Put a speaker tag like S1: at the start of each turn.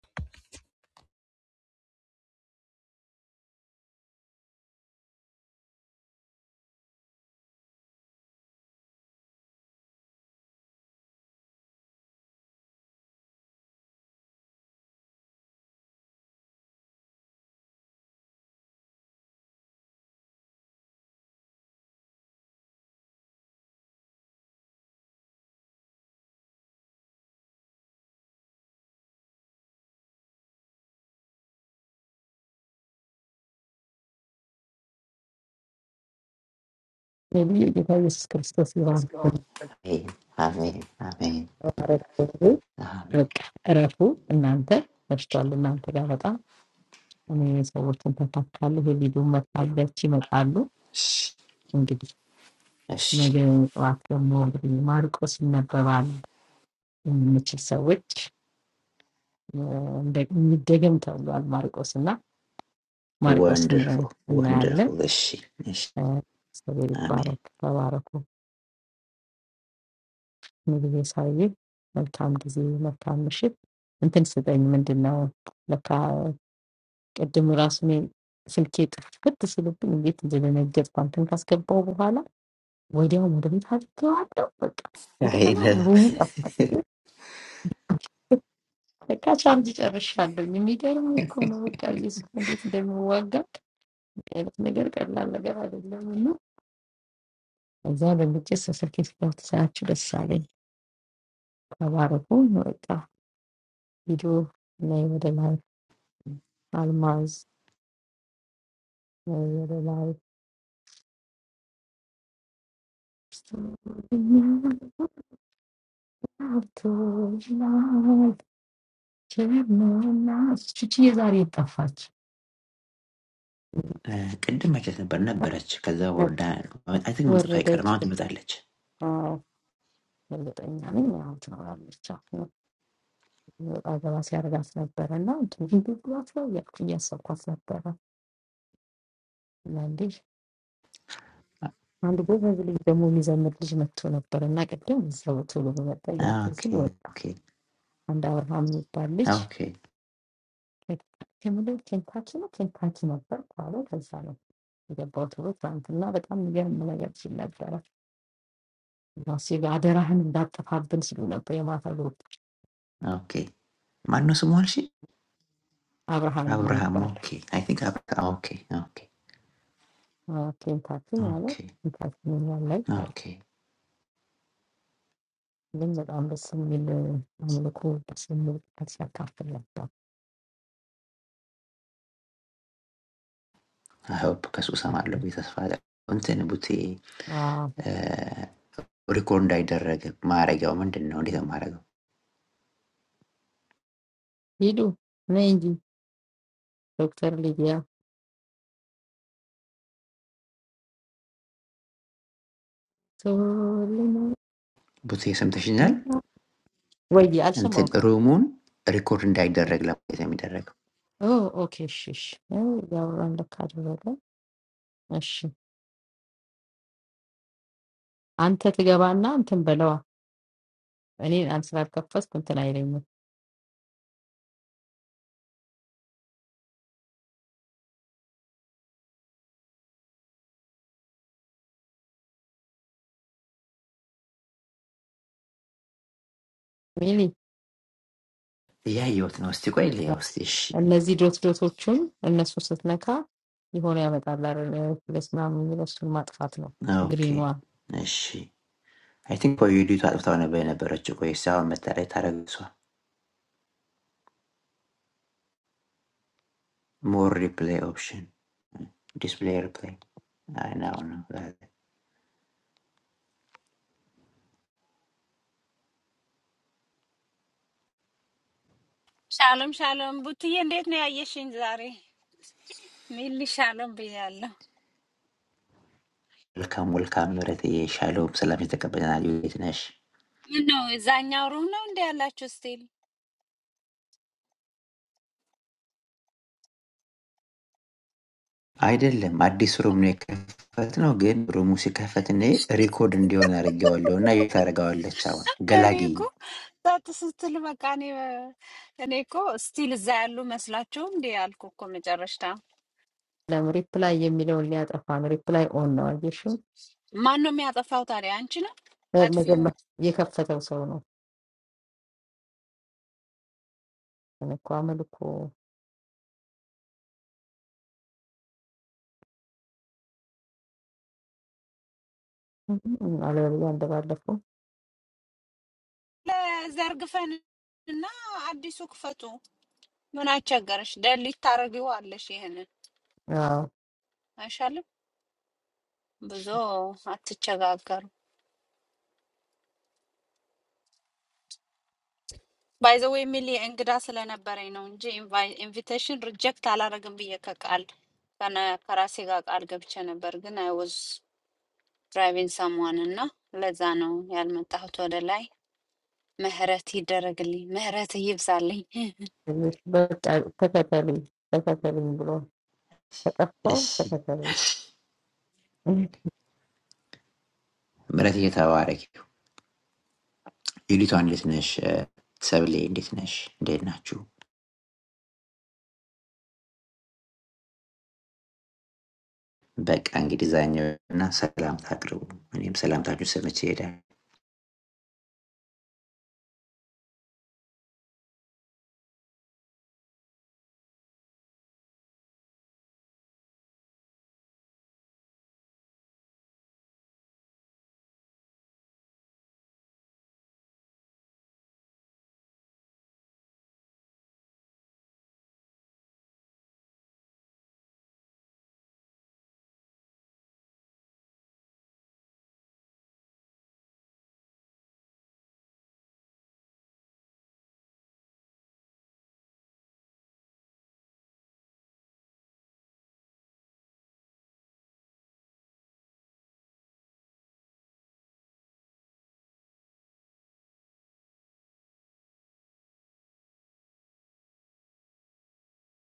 S1: Maybe you can use Christos Ivanov
S2: Amen. Amen. Amen.
S1: for that.
S2: Amen.
S1: Erato, Nante, that's what I'm Nante. What about that? We saw something that I like. Did you buy the cheapest card? You
S2: እሺ
S1: know,
S2: እሺ
S1: maybe after moving, Marco Sinna's card. You know, which is a bit difficult. Marco Sinna, Marco Sinna,
S2: ወንደርፉል
S1: Nalle,
S2: ወንደርፉል እሺ እሺ
S1: sorry,
S2: አሜን።
S1: Barat, Baraku. Maybe this is a little bit more difficult. I'm thinking about it. At the moment, we think that but this is looking good. Today, we have a good content. Because we are very much aware that we are not
S2: አይ ነው
S1: alone. That is why we are very much aware that we are not alone. Kemene chuchiye zari ta fac.
S2: እ፣ ቅድም መቼት ነበር ነበረች። ከዛ ወርዳ አይ ቲንክ
S1: Where
S2: መምጣቱ
S1: the day
S2: አይቀርም። አሁን
S1: to
S2: ትመጣለች።
S1: ah, the day nani nato na bichak. Agava siya ragas na bera nato. Andu koafla ya, nia sokoafla bera nandi. Andu koafla viliki mu misal meti chmetuna bera nake. Tungisalo chulo koafla tayari
S2: ኦኬ
S1: silo bich.
S2: ኦኬ
S1: Andau hamni bich.
S2: ኦኬ
S1: Kemene chen kachi na chen kachi na bera koaflo kaisalo. Iga bato saantuna betamu ge mu la ya bichinera. ሲቪ አደራህን እንዳጠፋብን ሲሉ ነበር። የማታ ግሩፕ
S2: ኦኬ። ማነው ስሙ አልሽ?
S1: አብርሃም
S2: አብርሃም።
S1: የሚባል
S2: ኦኬ አይ ቲንክ አብርሃም። ኦኬ ኦኬ
S1: ኬንታችን ያለ
S2: ኦኬ
S1: ጌታችን እኛም ላይ ታለ
S2: ኦኬ።
S1: ግን በጣም ደስ የሚል አምልኮ ደስ የሚል ቃል ሲያካፍል ነበር።
S2: አይ ሆፕ ከሱ እሰማለሁ ብዬ ተስፋ አለ እንትን ቡቴ
S1: አዎ፣
S2: ሪኮርድ እንዳይደረግ ማረጊያው ምንድን ነው? እንዴት ነው
S1: ሂዱ ነይ እንጂ ዶክተር ሊዲያ ቶልነ
S2: ብዙ ሰምተሽኛል።
S1: ወይ
S2: እንትን
S1: አልሰማውክም።
S2: ሩሙን ሪኮርድ እንዳይደረግ ለማለት ነው የሚደረገው።
S1: ኦ፣ ኦኬ እሺ፣ እሺ ያው ያወራን ለካ አደረገ። እሺ አንተ ትገባና እንትን በለዋ እኔ አንድ ስላልከፈትኩ እንትን አይለኝም ሚሊ
S2: እያየሁት ነው። እስቲ ቆይ ልየው እስቲ። እሺ፣
S1: I need to talk to you. I need to talk to you. I need to talk to you. I need to talk to
S2: ኦኬ፣
S1: you.
S2: እሺ። አይ ቲንክ ቆይ ዩዲቱ አጥፍታው ነበር የነበረችው። ቆይ እስቲ አሁን መታ ላይ ታረግሷል። ሞር ሪፕሌይ ኦፕሽን ዲስፕሌይ ሪፕሌይ ነው ነው።
S3: ሻሎም ሻሎም፣ ቡትዬ እንዴት ነው ያየሽኝ ዛሬ? ሚሊ ሻሎም ብያለሁ።
S2: መልካም መልካም ምሕረትዬ፣ ሻሎም ሰላም የተቀበለናል። ዩዲት ነሽ
S3: ምን ነው እዛኛው ሩም ነው እንደ ያላችሁ ስቲል?
S2: አይደለም? አዲስ ሩም ነው የከፈት ነው። ግን ሩሙ ሲከፈት እኔ ሪኮርድ እንዲሆን አድርጌዋለሁ እና ዩዲት ታደርገዋለች። አሁን
S3: እኔ እኮ
S2: ገላጊኝ።
S3: ጸጥ ስትል በቃ እኔ እኔ እኮ ስቲል እዛ ያሉ መስላችሁ እንዴ ያልኩ እኮ መጨረሻ።
S1: I need to talk to you. I need to talk
S3: ማን ነው የሚያጠፋው ታዲያ? አንቺ ነው
S1: to you. I
S3: አጥፊው።
S1: need to talk to you. I need to talk to you. I need to talk to you. I need to talk
S3: ለዘርግፈን እና አዲሱ ክፈቱ። ምን አስቸገረሽ? ደሊት ታደርጊዋለሽ። ይሄንን አይሻልም? ብዙ አትቸጋገሩ። ባይ ዘ ዌይ ሚሊ እንግዳ ስለነበረኝ ነው እንጂ ኢንቪቴሽን ሪጀክት አላረግም ብዬ ከቃል ከነ- ከራሴ ጋር ቃል ገብቼ ነበር። ግን አይ ዋዝ ድራይቪንግ ሰምዋን እና ለዛ ነው ያልመጣሁት ወደ ላይ። ምህረት ይደረግልኝ፣ ምህረት ይብዛልኝ።
S1: to you. I need to
S2: እሺ
S1: talk to you.
S2: ምሕረት እየተባረክ ይሁን። ዩሊቷ እንዴት ነሽ? ሰብሌ እንዴት ነሽ? እንዴት ናችሁ? በቃ እንግዲህ ዛኛው እና ሰላምታ አቅርቡ። እኔም ሰላምታችሁ ሰምቼ እሄዳለሁ።